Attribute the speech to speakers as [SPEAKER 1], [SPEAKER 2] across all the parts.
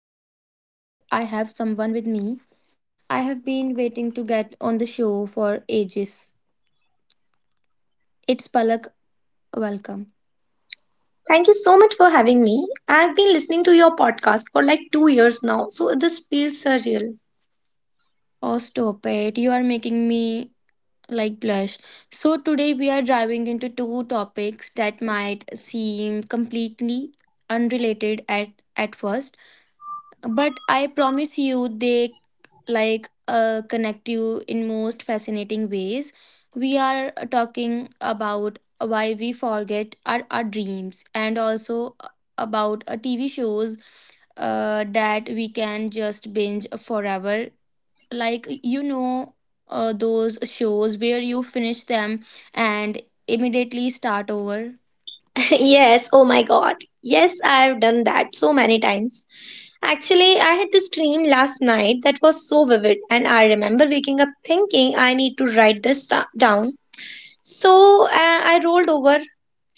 [SPEAKER 1] Anahad, and today I have someone with me. I have been waiting to get on the show for ages. It's Palak. Welcome.
[SPEAKER 2] Thank you so much for having me. I've been listening to your podcast for like 2 years now, so this feels surreal.
[SPEAKER 1] Oh, stop it. You are making me blush. So, today we are diving into two topics that might seem completely unrelated at first, but I promise you they connect you in most fascinating ways. We are talking about why we forget our dreams, and also about TV shows that we can just binge forever, like you know those shows where you finish them and immediately start over.
[SPEAKER 2] Yes, oh my god. Yes, I've done that so many times. Actually, I had this dream last night that was so vivid, and I remember waking up thinking I need to write this down. So I rolled over,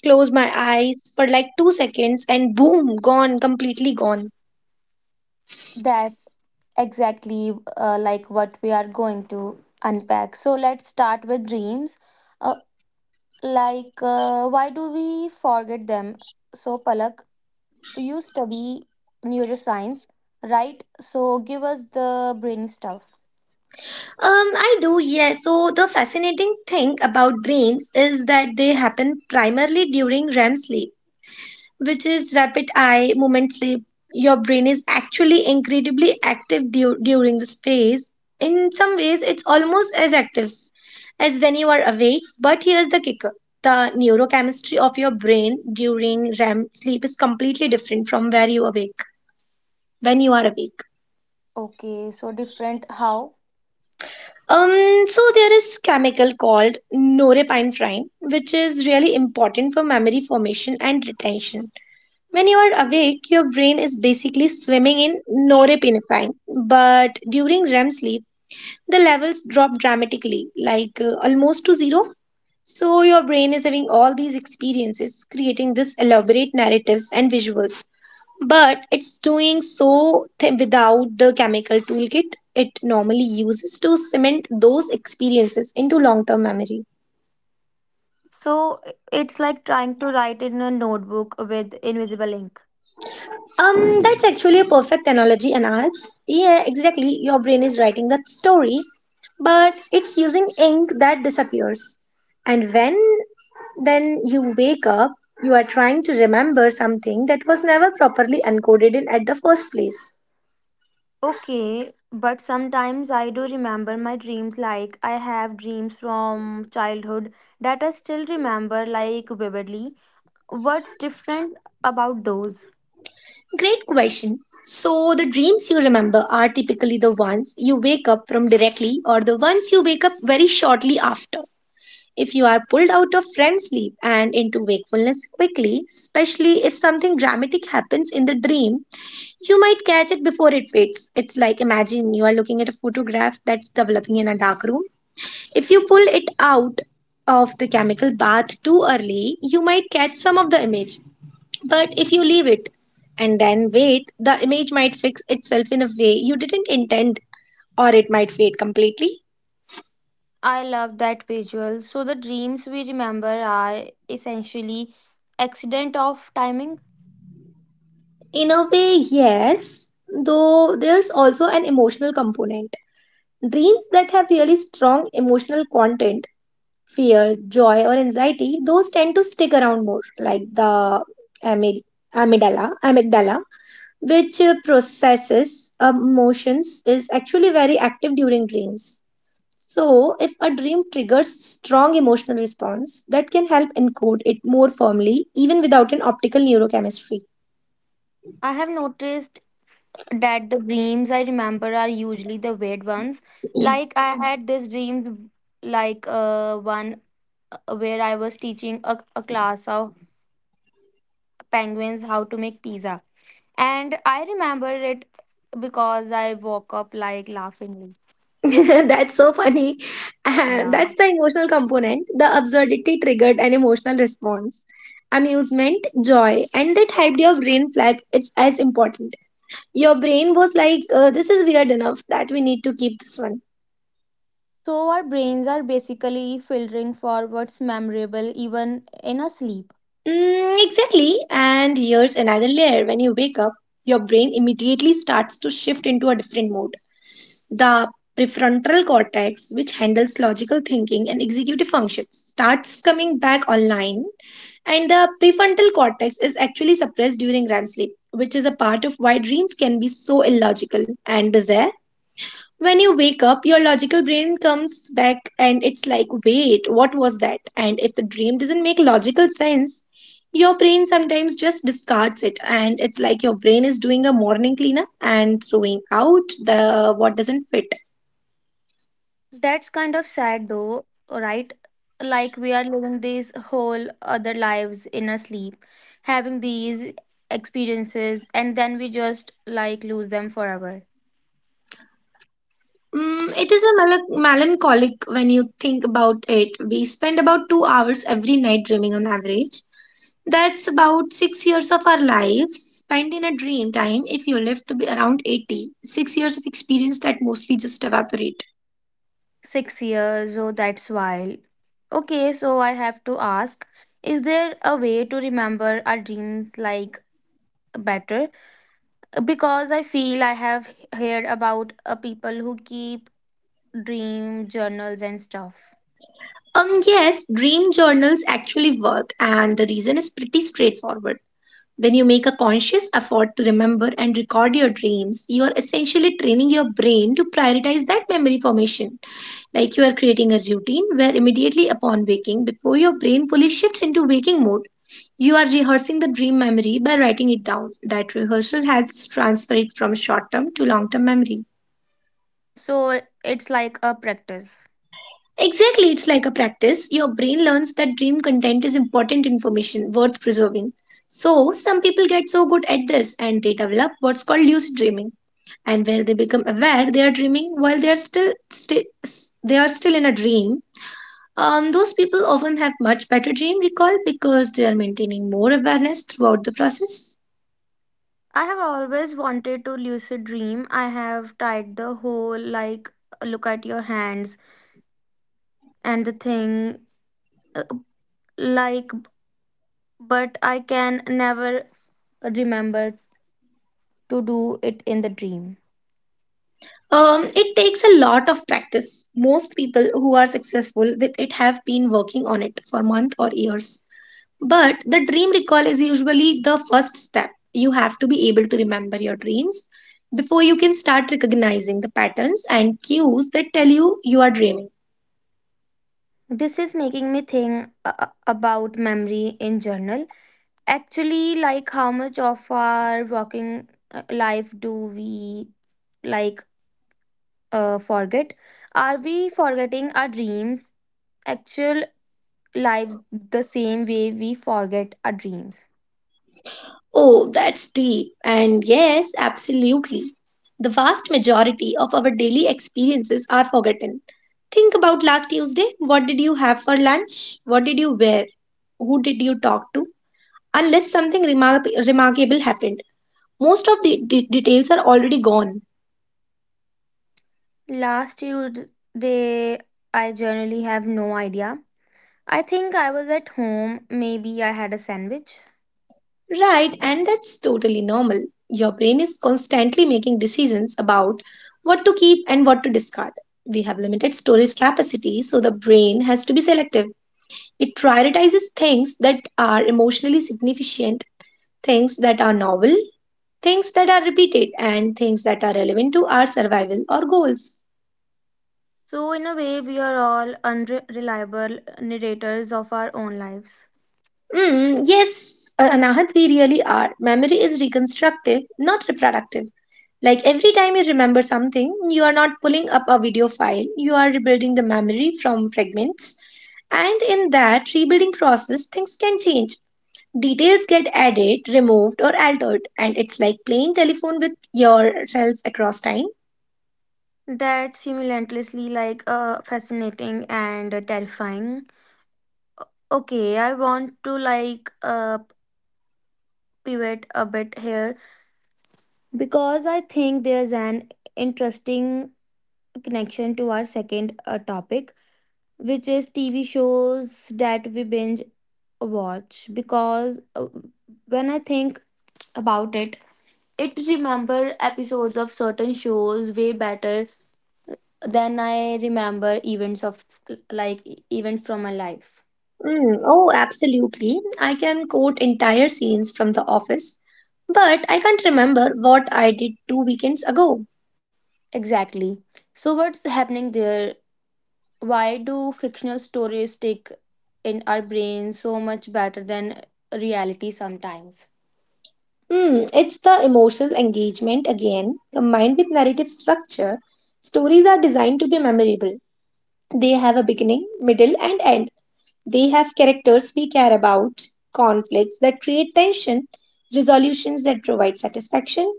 [SPEAKER 2] closed my eyes for like 2 seconds, and boom, gone, completely gone.
[SPEAKER 1] That's exactly like what we are going to unpack. So let's start with dreams. Uh, why do we forget them? So, Palak, you study neuroscience, right? So, give us the brain stuff.
[SPEAKER 2] Um, I do, yes. So the fascinating thing about dreams is that they happen primarily during REM sleep, which is rapid eye movement sleep. Your brain is actually incredibly active during this phase. In some ways, it's almost as active as when you are awake. But here's the kicker. The neurochemistry of your brain during REM sleep is completely different from where you awake when you are awake.
[SPEAKER 1] Okay, so different how?
[SPEAKER 2] So there is chemical called norepinephrine, which is really important for memory formation and retention. When you are awake, your brain is basically swimming in norepinephrine, but during REM sleep, the levels drop dramatically, like almost to zero. So your brain is having all these experiences, creating this elaborate narratives and visuals, but it's doing so without the chemical toolkit it normally uses to cement those experiences into long term memory.
[SPEAKER 1] So, it's like trying to write in a notebook with invisible ink.
[SPEAKER 2] That's actually a perfect analogy, Anad. Yeah, exactly. Your brain is writing that story, but it's using ink that disappears. And when then you wake up, you are trying to remember something that was never properly encoded in at the first place.
[SPEAKER 1] Okay, but sometimes I do remember my dreams, like I have dreams from childhood that I still remember like vividly. What's different about those?
[SPEAKER 2] Great question. So, the dreams you remember are typically the ones you wake up from directly or the ones you wake up very shortly after. If you are pulled out of REM sleep and into wakefulness quickly, especially if something dramatic happens in the dream, you might catch it before it fades. It's like imagine you are looking at a photograph that's developing in a dark room. If you pull it out of the chemical bath too early, you might catch some of the image, but if you leave it and then wait, the image might fix itself in a way you didn't intend, or it might fade completely.
[SPEAKER 1] I love that visual. So the dreams we remember are essentially accident of timing.
[SPEAKER 2] In a way, yes, though there's also an emotional component. Dreams that have really strong emotional content, fear, joy, or anxiety, those tend to stick around more, like the amid- amygdala, which processes emotions, is actually very active during dreams. So, if a dream triggers strong emotional response, that can help encode it more firmly, even without an optical neurochemistry.
[SPEAKER 1] I have noticed that the dreams I remember are usually the weird ones. Like I Mhm. had this dreams like one where I was teaching a class of penguins how to make pizza. And I remember it because I woke up like laughingly.
[SPEAKER 2] That's so funny. And
[SPEAKER 1] Yeah.
[SPEAKER 2] that's the emotional component. The absurdity triggered an emotional response. Amusement, joy, and that helped your brain flag it's as important. Your brain was like, this is weird enough that we need to keep this one.
[SPEAKER 1] So our brains are basically filtering for what's memorable even in a sleep.
[SPEAKER 2] Mm, exactly. And here's another layer. When you wake up, your brain immediately starts to shift into a different mode. The prefrontal cortex, which handles logical thinking and executive functions, starts coming back online. And the prefrontal cortex is actually suppressed during REM sleep, which is a part of why dreams can be so illogical and bizarre. When you wake up, your logical brain comes back and it's like, wait, what was that? And if the dream doesn't make logical sense, your brain sometimes just discards it. And it's like your brain is doing a morning cleanup and throwing out the what doesn't fit.
[SPEAKER 1] That's kind of sad though, right? Like we are living these whole other lives in a sleep, having these experiences, and then we just like lose them forever.
[SPEAKER 2] Mm, it is a melancholic when you think about it. We spend about 2 hours every night dreaming on average. That's about 6 years of our lives spent in a dream time if you live to be around 80. 6 years of experience that mostly just evaporate.
[SPEAKER 1] 6 years, oh, that's wild. Okay, so I have to ask, is there a way to remember our dreams like better? Because I feel I have heard about people who keep dream journals and stuff.
[SPEAKER 2] Yes, dream journals actually work, and the reason is pretty straightforward. When you make a conscious effort to remember and record your dreams, you are essentially training your brain to prioritize that memory formation. Like you are creating a routine where immediately upon waking, before your brain fully shifts into waking mode, you are rehearsing the dream memory by writing it down. That rehearsal helps transfer it from short term to long term memory.
[SPEAKER 1] So it's like a practice.
[SPEAKER 2] Exactly, it's like a practice. Your brain learns that dream content is important information worth preserving. So, some people get so good at this and they develop what's called lucid dreaming, and where they become aware they are dreaming while they are still they are still in a dream. Those people often have much better dream recall because they are maintaining more awareness throughout the process.
[SPEAKER 1] I have always wanted to lucid dream. I have tried the whole like look at your hands and the thing, uh, like, but I can never remember to do it in the dream.
[SPEAKER 2] It takes a lot of practice. Most people who are successful with it have been working on it for months or years. But the dream recall is usually the first step. You have to be able to remember your dreams before you can start recognizing the patterns and cues that tell you you are dreaming.
[SPEAKER 1] This is making me think about memory in general. Actually, like how much of our working life do we like forget? Are we forgetting our dreams, actual lives, the same way we forget our dreams?
[SPEAKER 2] Oh, that's deep. And yes, absolutely. The vast majority of our daily experiences are forgotten. Think about last Tuesday. What did you have for lunch? What did you wear? Who did you talk to, unless something remarkable happened. Most of the details are already gone.
[SPEAKER 1] Last Tuesday, I generally have no idea. I think I was at home. Maybe I had a sandwich.
[SPEAKER 2] Right, and that's totally normal. Your brain is constantly making decisions about what to keep and what to discard. We have limited storage capacity, so the brain has to be selective. It prioritizes things that are emotionally significant, things that are novel, things that are repeated, and things that are relevant to our survival or goals.
[SPEAKER 1] So, in a way, we are all unreliable narrators of our own lives.
[SPEAKER 2] Mm, yes, Anahat, we really are. Memory is reconstructive, not reproductive. Like every time you remember something, you are not pulling up a video file, you are rebuilding the memory from fragments. And in that rebuilding process, things can change. Details get added, removed, or altered, and it's like playing telephone with yourself across time.
[SPEAKER 1] That's simultaneously fascinating and terrifying. Okay, I want to pivot a bit here because I think there's an interesting connection to our second topic, which is TV shows that we binge watch. Because when I think about it, it remember episodes of certain shows way better than I remember events of like events from my life.
[SPEAKER 2] Mm, oh, absolutely. I can quote entire scenes from The Office, but I can't remember what I did two weekends ago.
[SPEAKER 1] Exactly. So what's happening there? Why do fictional stories stick in our brains so much better than reality sometimes?
[SPEAKER 2] Hmm, it's the emotional engagement again, combined with narrative structure. Stories are designed to be memorable. They have a beginning, middle, and end. They have characters we care about, conflicts that create tension, resolutions that provide satisfaction.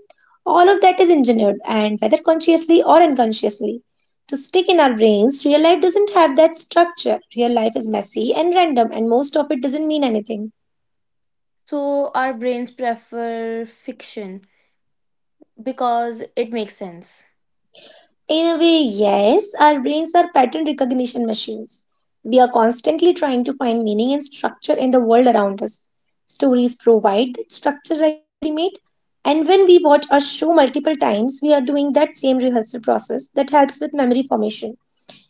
[SPEAKER 2] All of that is engineered, and whether consciously or unconsciously, to stick in our brains, real life doesn't have that structure. Real life is messy and random, and most of it doesn't mean anything.
[SPEAKER 1] So our brains prefer fiction because it makes sense.
[SPEAKER 2] In a way, yes, our brains are pattern recognition machines. We are constantly trying to find meaning and structure in the world around us. Stories provide that structure ready made, and when we watch a show multiple times, we are doing that same rehearsal process that helps with memory formation.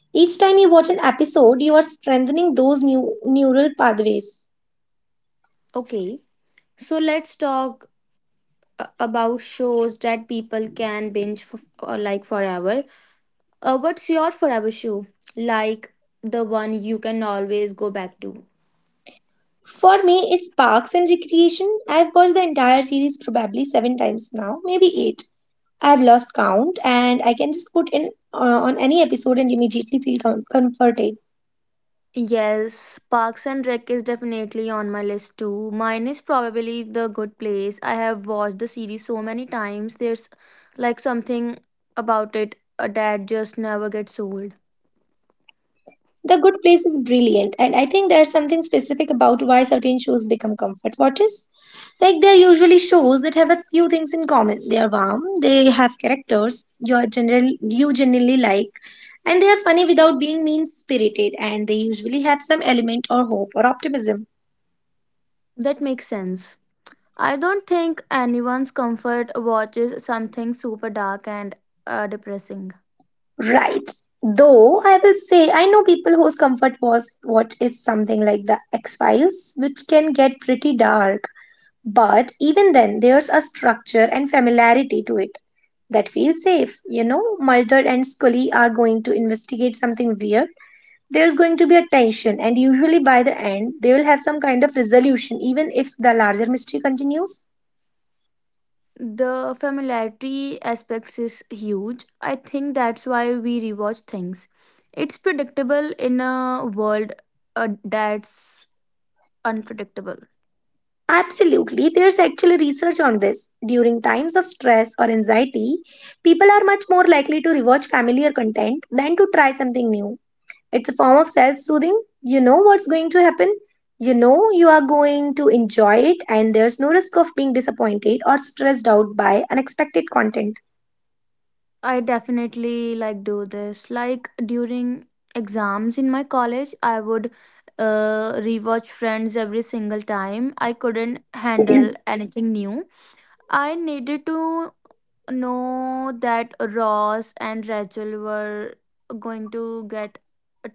[SPEAKER 2] Each time you watch an episode, you are strengthening those new neural pathways.
[SPEAKER 1] Okay. So let's talk about shows that people can binge for, forever. What's your forever shoe? Like the one you can always go back to.
[SPEAKER 2] For me, it's Parks and Recreation. I've watched the entire series probably seven times now, maybe eight. I've lost count and I can just put in on any episode and immediately feel comforted.
[SPEAKER 1] Yes, Parks and Rec is definitely on my list too. Mine is probably The Good Place. I have watched the series so many times. There's like something about it that just never gets old.
[SPEAKER 2] The Good Place is brilliant, and I think there's something specific about why certain shows become comfort watches. Like, they're usually shows that have a few things in common. They are warm, they have characters you generally like, and they are funny without being mean spirited, and they usually have some element or hope or optimism.
[SPEAKER 1] That makes sense. I don't think anyone's comfort watches something super dark and depressing.
[SPEAKER 2] Right. Though I will say I know people whose comfort was what is something like the X-Files, which can get pretty dark. But even then, there's a structure and familiarity to it that feels safe. You know, Mulder and Scully are going to investigate something weird. There's going to be a tension, and usually by the end, they will have some kind of resolution, even if the larger mystery continues.
[SPEAKER 1] The familiarity aspects is huge. I think that's why we rewatch things. It's predictable in a world that's unpredictable.
[SPEAKER 2] Absolutely, there's actually research on this. During times of stress or anxiety, people are much more likely to rewatch familiar content than to try something new. It's a form of self soothing. You know what's going to happen, you know you are going to enjoy it, and there's no risk of being disappointed or stressed out by unexpected content.
[SPEAKER 1] I definitely like do this. Like during exams in my college, I would rewatch Friends every single time. I couldn't handle anything new. I needed to know that Ross and Rachel were going to get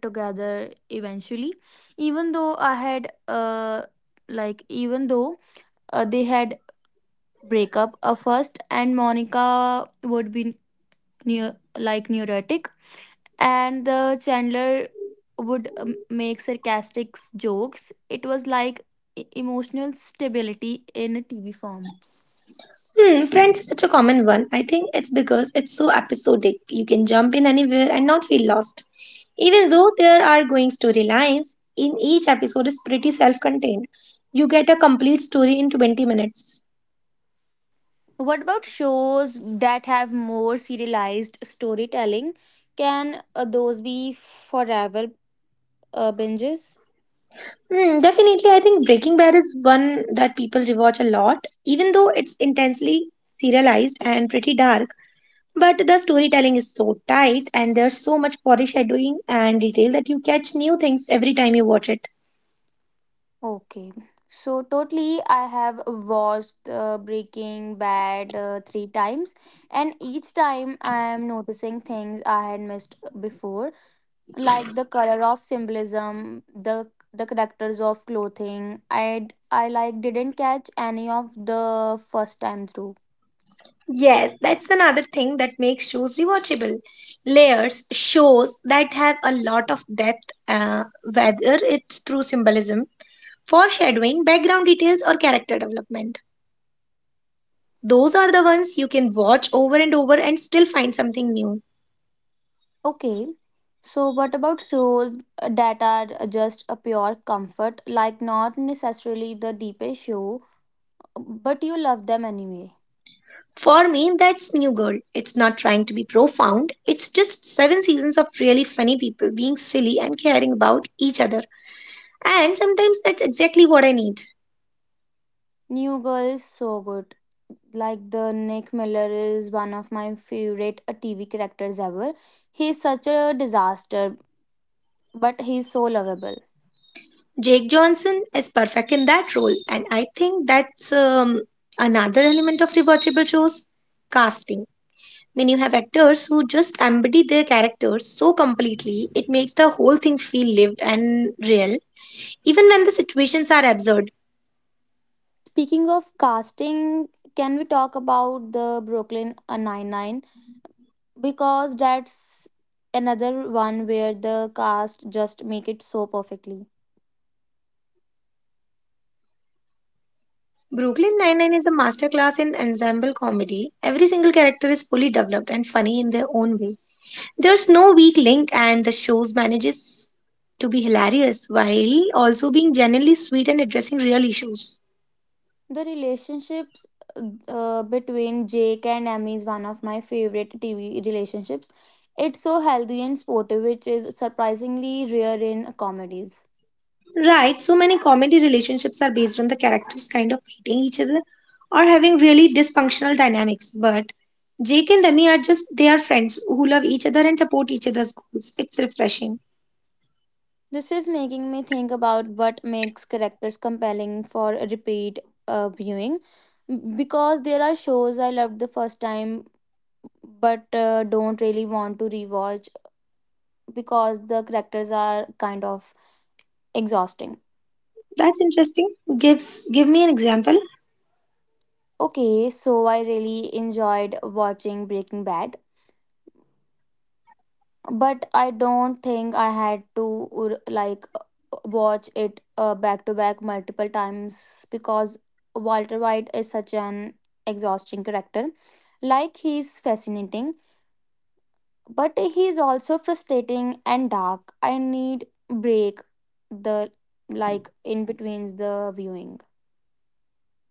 [SPEAKER 1] together eventually, even though I had even though they had breakup first, and Monica would be near like neurotic, and the Chandler would make sarcastic jokes. It was like emotional stability in a TV form.
[SPEAKER 2] Hmm, Friends is such a common one. I think it's because it's so episodic. You can jump in anywhere and not feel lost. Even though there are going storylines, in each episode is pretty self-contained. You get a complete story in 20 minutes.
[SPEAKER 1] What about shows that have more serialized storytelling? Can those be forever binges?
[SPEAKER 2] Hmm, definitely, I think Breaking Bad is one that people rewatch a lot, even though it's intensely serialized and pretty dark. But the storytelling is so tight, and there's so much foreshadowing and detail that you catch new things every time you watch it.
[SPEAKER 1] Okay. So totally I have watched Breaking Bad 3 times, and each time I am noticing things I had missed before, like the color of symbolism, the characters of clothing I like didn't catch any of the first time through.
[SPEAKER 2] Yes, that's another thing that makes shows rewatchable. Layers, shows that have a lot of depth, whether it's through symbolism, foreshadowing, background details, or character development. Those are the ones you can watch over and over and still find something new.
[SPEAKER 1] Okay, so what about shows that are just a pure comfort, like not necessarily the deepest show, but you love them anyway?
[SPEAKER 2] For me, that's New Girl. It's not trying to be profound, it's just seven seasons of really funny people being silly and caring about each other. And sometimes that's exactly what I need.
[SPEAKER 1] New Girl is so good. Like the Nick Miller is one of my favorite TV characters ever. He's such a disaster, but he's so lovable.
[SPEAKER 2] Jake Johnson is perfect in that role, and I think that's another element of rewatchable shows casting. When you have actors who just embody their characters so completely, it makes the whole thing feel lived and real, even when the situations are absurd.
[SPEAKER 1] Speaking of casting, can we talk about the Brooklyn Nine Nine? Because that's another one where the cast just make it so perfectly.
[SPEAKER 2] Brooklyn Nine-Nine is a masterclass in ensemble comedy. Every single character is fully developed and funny in their own way. There's no weak link, and the show manages to be hilarious while also being genuinely sweet and addressing real issues.
[SPEAKER 1] The relationships between Jake and Amy is one of my favorite TV relationships. It's so healthy and sportive, which is surprisingly rare in comedies.
[SPEAKER 2] Right, so many comedy relationships are based on the characters kind of hating each other or having really dysfunctional dynamics. But Jake and Demi are just they are friends who love each other and support each other's goals. It's refreshing.
[SPEAKER 1] This is making me think about what makes characters compelling for repeat viewing, because there are shows I loved the first time but don't really want to rewatch because the characters are kind of exhausting.
[SPEAKER 2] That's interesting. Give me an example.
[SPEAKER 1] Okay, so I really enjoyed watching Breaking Bad, but I don't think I had to watch it back to back multiple times because Walter White is such an exhausting character. Like he's fascinating, but he's also frustrating and dark. I need break the like in between the viewing.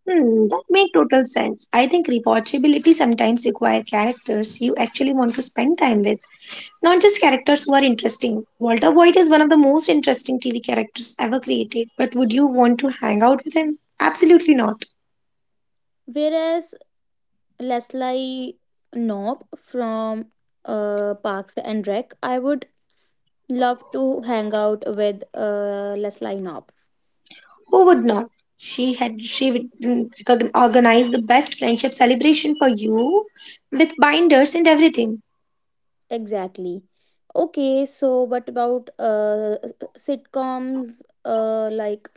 [SPEAKER 2] Hmm, that makes total sense. I think rewatchability sometimes require characters you actually want to spend time with, not just characters who are interesting. Walter White is one of the most interesting TV characters ever created, but would you want to hang out with him? Absolutely not.
[SPEAKER 1] Whereas Leslie Knope from Parks and Rec. I would love to hang out with Leslie Knope.
[SPEAKER 2] Who would not? She would organize the best friendship celebration for you with binders and everything.
[SPEAKER 1] Exactly. Okay, so what about sitcoms uh, like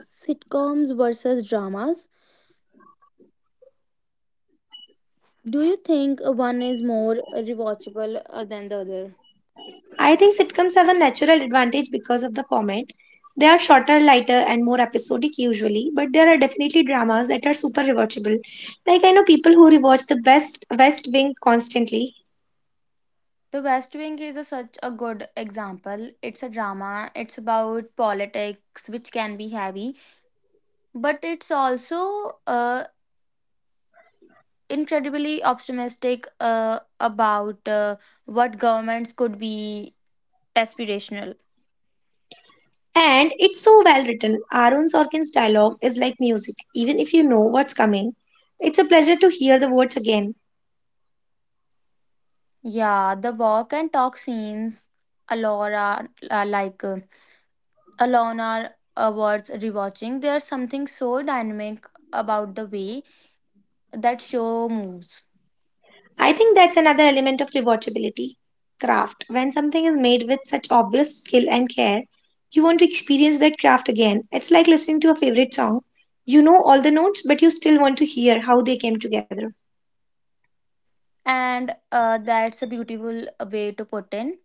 [SPEAKER 1] sitcoms versus dramas? Do you think one is more rewatchable than the other?
[SPEAKER 2] I think sitcoms have a natural advantage because of the format. They are shorter, lighter, and more episodic usually, but there are definitely dramas that are super rewatchable. Like I know people who rewatch the best West Wing constantly.
[SPEAKER 1] The West Wing is a, such a good example. It's a drama, it's about politics, which can be heavy, but it's also incredibly optimistic about what governments could be, aspirational.
[SPEAKER 2] And it's so well written. Aaron Sorkin's dialogue is like music, even if you know what's coming. It's a pleasure to hear the words again.
[SPEAKER 1] Yeah, the walk and talk scenes, Alora, alone are awards rewatching. There's something so dynamic about the way that show moves,
[SPEAKER 2] I think that's another element of rewatchability. Craft. When something is made with such obvious skill and care, you want to experience that craft again. It's like listening to a favorite song. You know all the notes, but you still want to hear how they came together.
[SPEAKER 1] and that's a beautiful way to put in.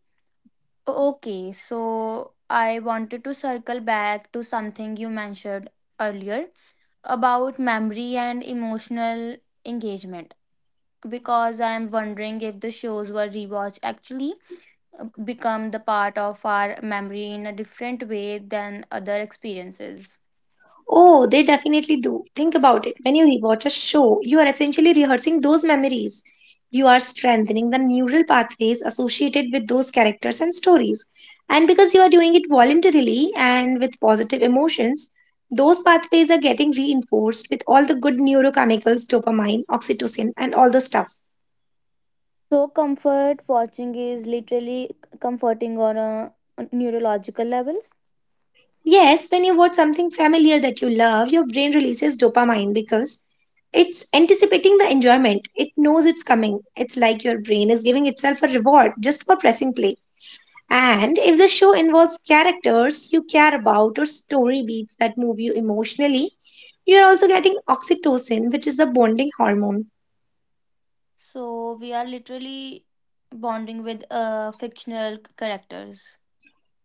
[SPEAKER 1] Okay, so I wanted to circle back to something you mentioned earlier about memory and emotional engagement, because I am wondering if the shows were rewatched actually become the part of our memory in a different way than other experiences.
[SPEAKER 2] Oh, they definitely do. Think about it. When you rewatch a show, you are essentially rehearsing those memories. You are strengthening the neural pathways associated with those characters and stories. And because you are doing it voluntarily and with positive emotions, those pathways are getting reinforced with all the good neurochemicals, dopamine, oxytocin, and all the stuff.
[SPEAKER 1] So, comfort watching is literally comforting on a neurological level.
[SPEAKER 2] Yes, when you watch something familiar that you love, your brain releases dopamine because it's anticipating the enjoyment. It knows it's coming. It's like your brain is giving itself a reward just for pressing play. And if the show involves characters you care about or story beats that move you emotionally, you're also getting oxytocin, which is the bonding hormone.
[SPEAKER 1] So, we are literally bonding with fictional characters.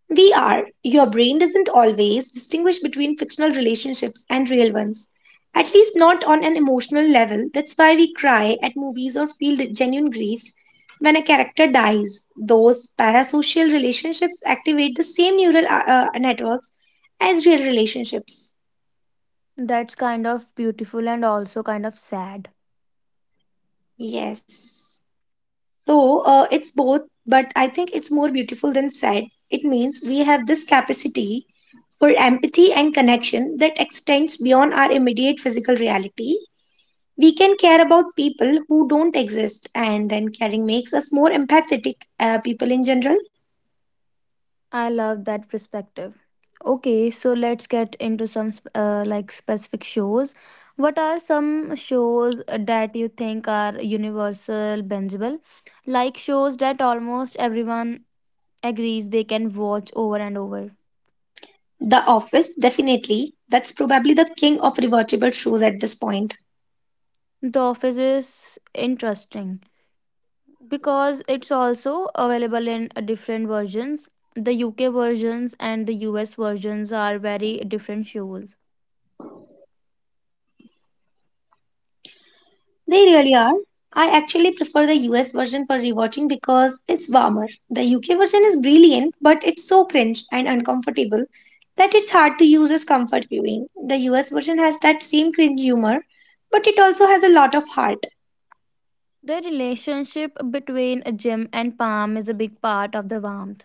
[SPEAKER 2] We are. Your brain doesn't always distinguish between fictional relationships and real ones, at least not on an emotional level. That's why we cry at movies or feel the genuine grief when a character dies. Those parasocial relationships activate the same neural networks as real relationships.
[SPEAKER 1] That's kind of beautiful and also kind of sad.
[SPEAKER 2] Yes. So, it's both, but I think it's more beautiful than sad. It means we have this capacity for empathy and connection that extends beyond our immediate physical reality. We can care about people who don't exist, and then caring makes us more empathetic people in general.
[SPEAKER 1] I love that perspective. Okay, so let's get into some specific shows. What are some shows that you think are universal bingeable? Like shows that almost everyone agrees they can watch over and over.
[SPEAKER 2] The office, definitely, that's probably the king of rewatchable shows at this point.
[SPEAKER 1] The Office is interesting because it's also available in different versions. The UK versions and the US versions are very different shows.
[SPEAKER 2] They really are. I actually prefer the US version for rewatching because it's warmer. The UK version is brilliant, but it's so cringe and uncomfortable that it's hard to use as comfort viewing. The US version has that same cringe humor, but it also has a lot of heart.
[SPEAKER 1] The relationship between a gym and palm is a big part of the warmth.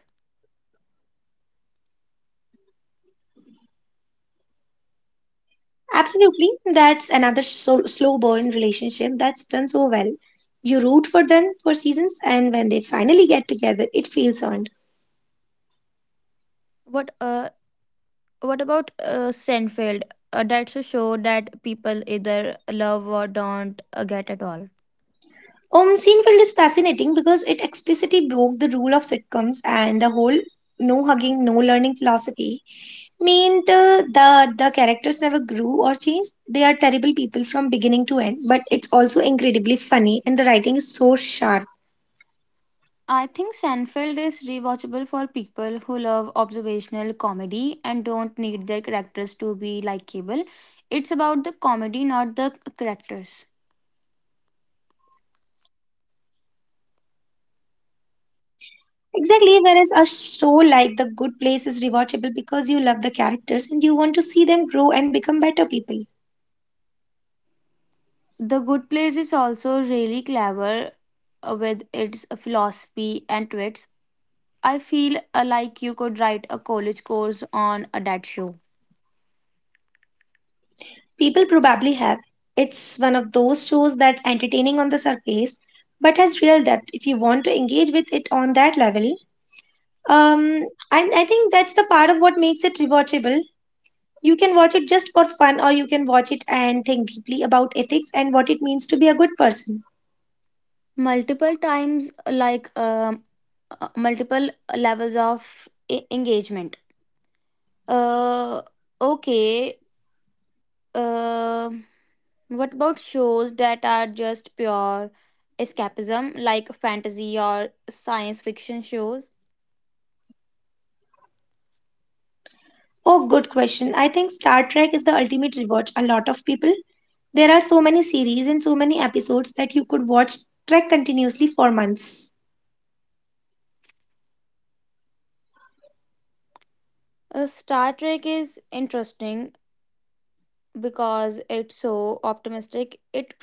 [SPEAKER 2] Absolutely, that's another slow burn relationship that's done so well. You root for them for seasons, and when they finally get together, it feels earned.
[SPEAKER 1] What uh, what about Seinfeld? That's a show that people either love or don't get at all.
[SPEAKER 2] Seinfeld is fascinating because it explicitly broke the rule of sitcoms and the whole no hugging, no learning philosophy meant the characters never grew or changed. They are terrible people from beginning to end, but it's also incredibly funny and the writing is so sharp.
[SPEAKER 1] I think Seinfeld is rewatchable for people who love observational comedy and don't need their characters to be likable. It's about the comedy, not the characters.
[SPEAKER 2] Exactly, whereas a show like The Good Place is rewatchable because you love the characters and you want to see them grow and become better people.
[SPEAKER 1] The Good Place is also really clever with its philosophy and twits. I feel like you could write a college course on that show.
[SPEAKER 2] People probably have. It's one of those shows that's entertaining on the surface, but has real depth if you want to engage with it on that level. Um, and I think that's the part of what makes it rewatchable. You can watch it just for fun, or you can watch it and think deeply about ethics and what it means to be a good person.
[SPEAKER 1] Multiple times, multiple levels of engagement. Uh, okay. Uh, what about shows that are just pure escapism, like fantasy or science fiction shows?
[SPEAKER 2] Oh, good question. I think Star Trek is the ultimate rewatch. A lot of people. There are so many series and so many episodes that you could watch Trek continuously for months.
[SPEAKER 1] Star Trek is interesting because it's so optimistic. It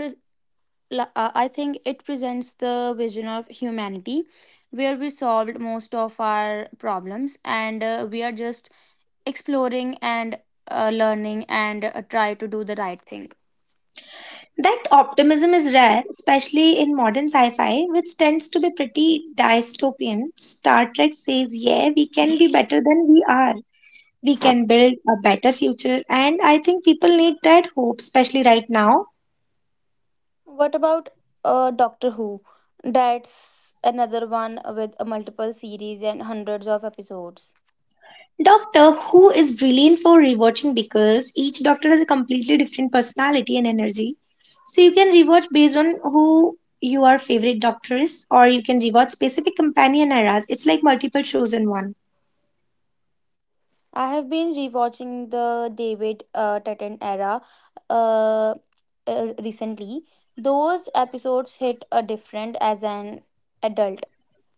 [SPEAKER 1] la- uh, I think it presents the vision of humanity where we solved most of our problems and we are just exploring and learning and try to do the right thing.
[SPEAKER 2] That optimism is rare, especially in modern sci fi, which tends to be pretty dystopian. Star Trek says, yeah, we can be better than we are. We can build a better future, and I think people need that hope, especially right now.
[SPEAKER 1] What about Doctor Who? That's another one with multiple series and hundreds of episodes.
[SPEAKER 2] Doctor Who is brilliant for rewatching because each doctor has a completely different personality and energy. So you can rewatch based on who your favorite doctor is, or you can rewatch specific companion eras. It's like multiple shows in one.
[SPEAKER 1] I have been rewatching the David Tennant era uh, recently. Those episodes hit a different as an adult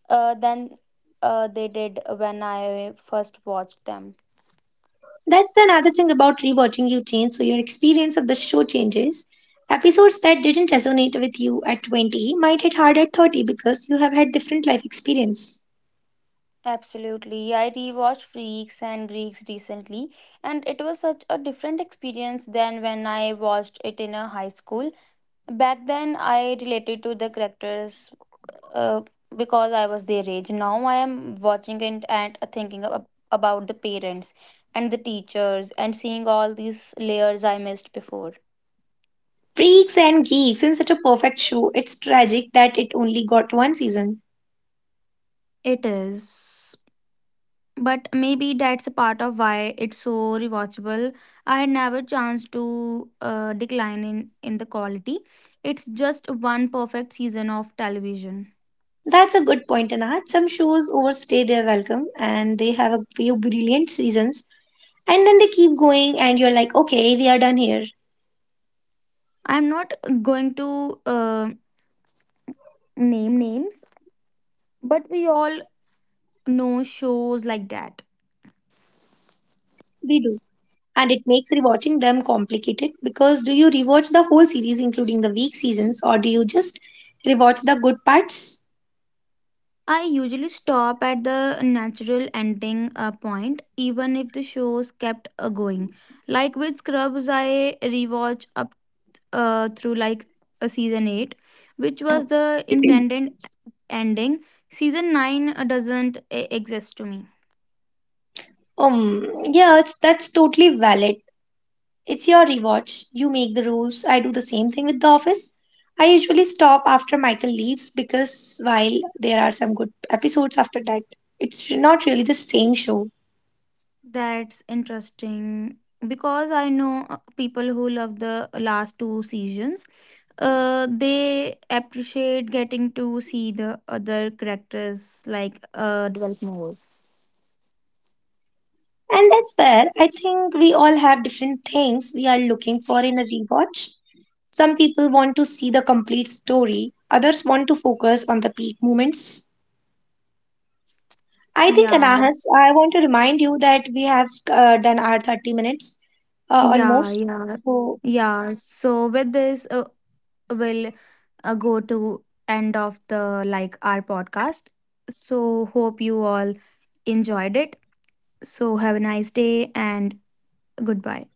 [SPEAKER 1] than they did when I first watched them.
[SPEAKER 2] That's the another thing about rewatching you change, so your experience of the show changes. Episodes that didn't resonate with you at 20 might hit hard at 30 because you have had different life experience.
[SPEAKER 1] Absolutely. I rewatched Freaks and Greeks recently, and it was such a different experience than when I watched it in a high school. Back then, I related to the characters uh, because I was their age. Now, I am watching it and thinking about the parents and the teachers and seeing all these layers I missed before.
[SPEAKER 2] Freaks and Geeks in such a perfect show, it's tragic that it only got one season.
[SPEAKER 1] It is. But maybe that's a part of why it's so rewatchable. I had never chance to decline in the quality. It's just one perfect season of television.
[SPEAKER 2] That's a good point, Anat. Some shows overstay their welcome and they have a few brilliant seasons and then they keep going and you're like, okay, we are done here.
[SPEAKER 1] I'm not going to name names, but we all know shows like that.
[SPEAKER 2] We do. And it makes rewatching them complicated because do you rewatch the whole series including the weak seasons or do you just rewatch the good parts?
[SPEAKER 1] I usually stop at the natural ending point, even if the shows kept going. Like with Scrubs, I rewatch up. Through like a season 8, which was the intended ending. Season 9 doesn't exist to me.
[SPEAKER 2] Um, yeah, it's that's totally valid. It's your rewatch. You make the rules. I do the same thing with The Office. I usually stop after Michael leaves because while there are some good episodes after that, it's not really the same show.
[SPEAKER 1] That's interesting because I know people who love the last two seasons. They appreciate getting to see the other characters develop more.
[SPEAKER 2] And that's where I think we all have different things we are looking for in a rewatch. Some people want to see the complete story, others want to focus on the peak moments. I think, Anahas,
[SPEAKER 1] Yes.
[SPEAKER 2] I want to remind you that we have done our 30 minutes
[SPEAKER 1] Yeah,
[SPEAKER 2] almost.
[SPEAKER 1] yeah.
[SPEAKER 2] So,
[SPEAKER 1] Yeah, so with this we'll go to end of the our podcast. So hope you all enjoyed it. So have a nice day and goodbye.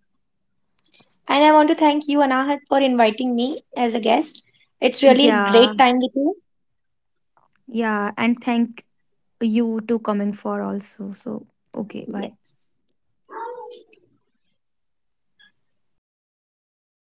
[SPEAKER 2] and I want to thank you, Anahas, for inviting me as a guest. It's really a
[SPEAKER 1] Yeah,
[SPEAKER 2] great time with you.
[SPEAKER 1] yeah, and thank you to coming for also. So okay, bye.
[SPEAKER 2] Yes.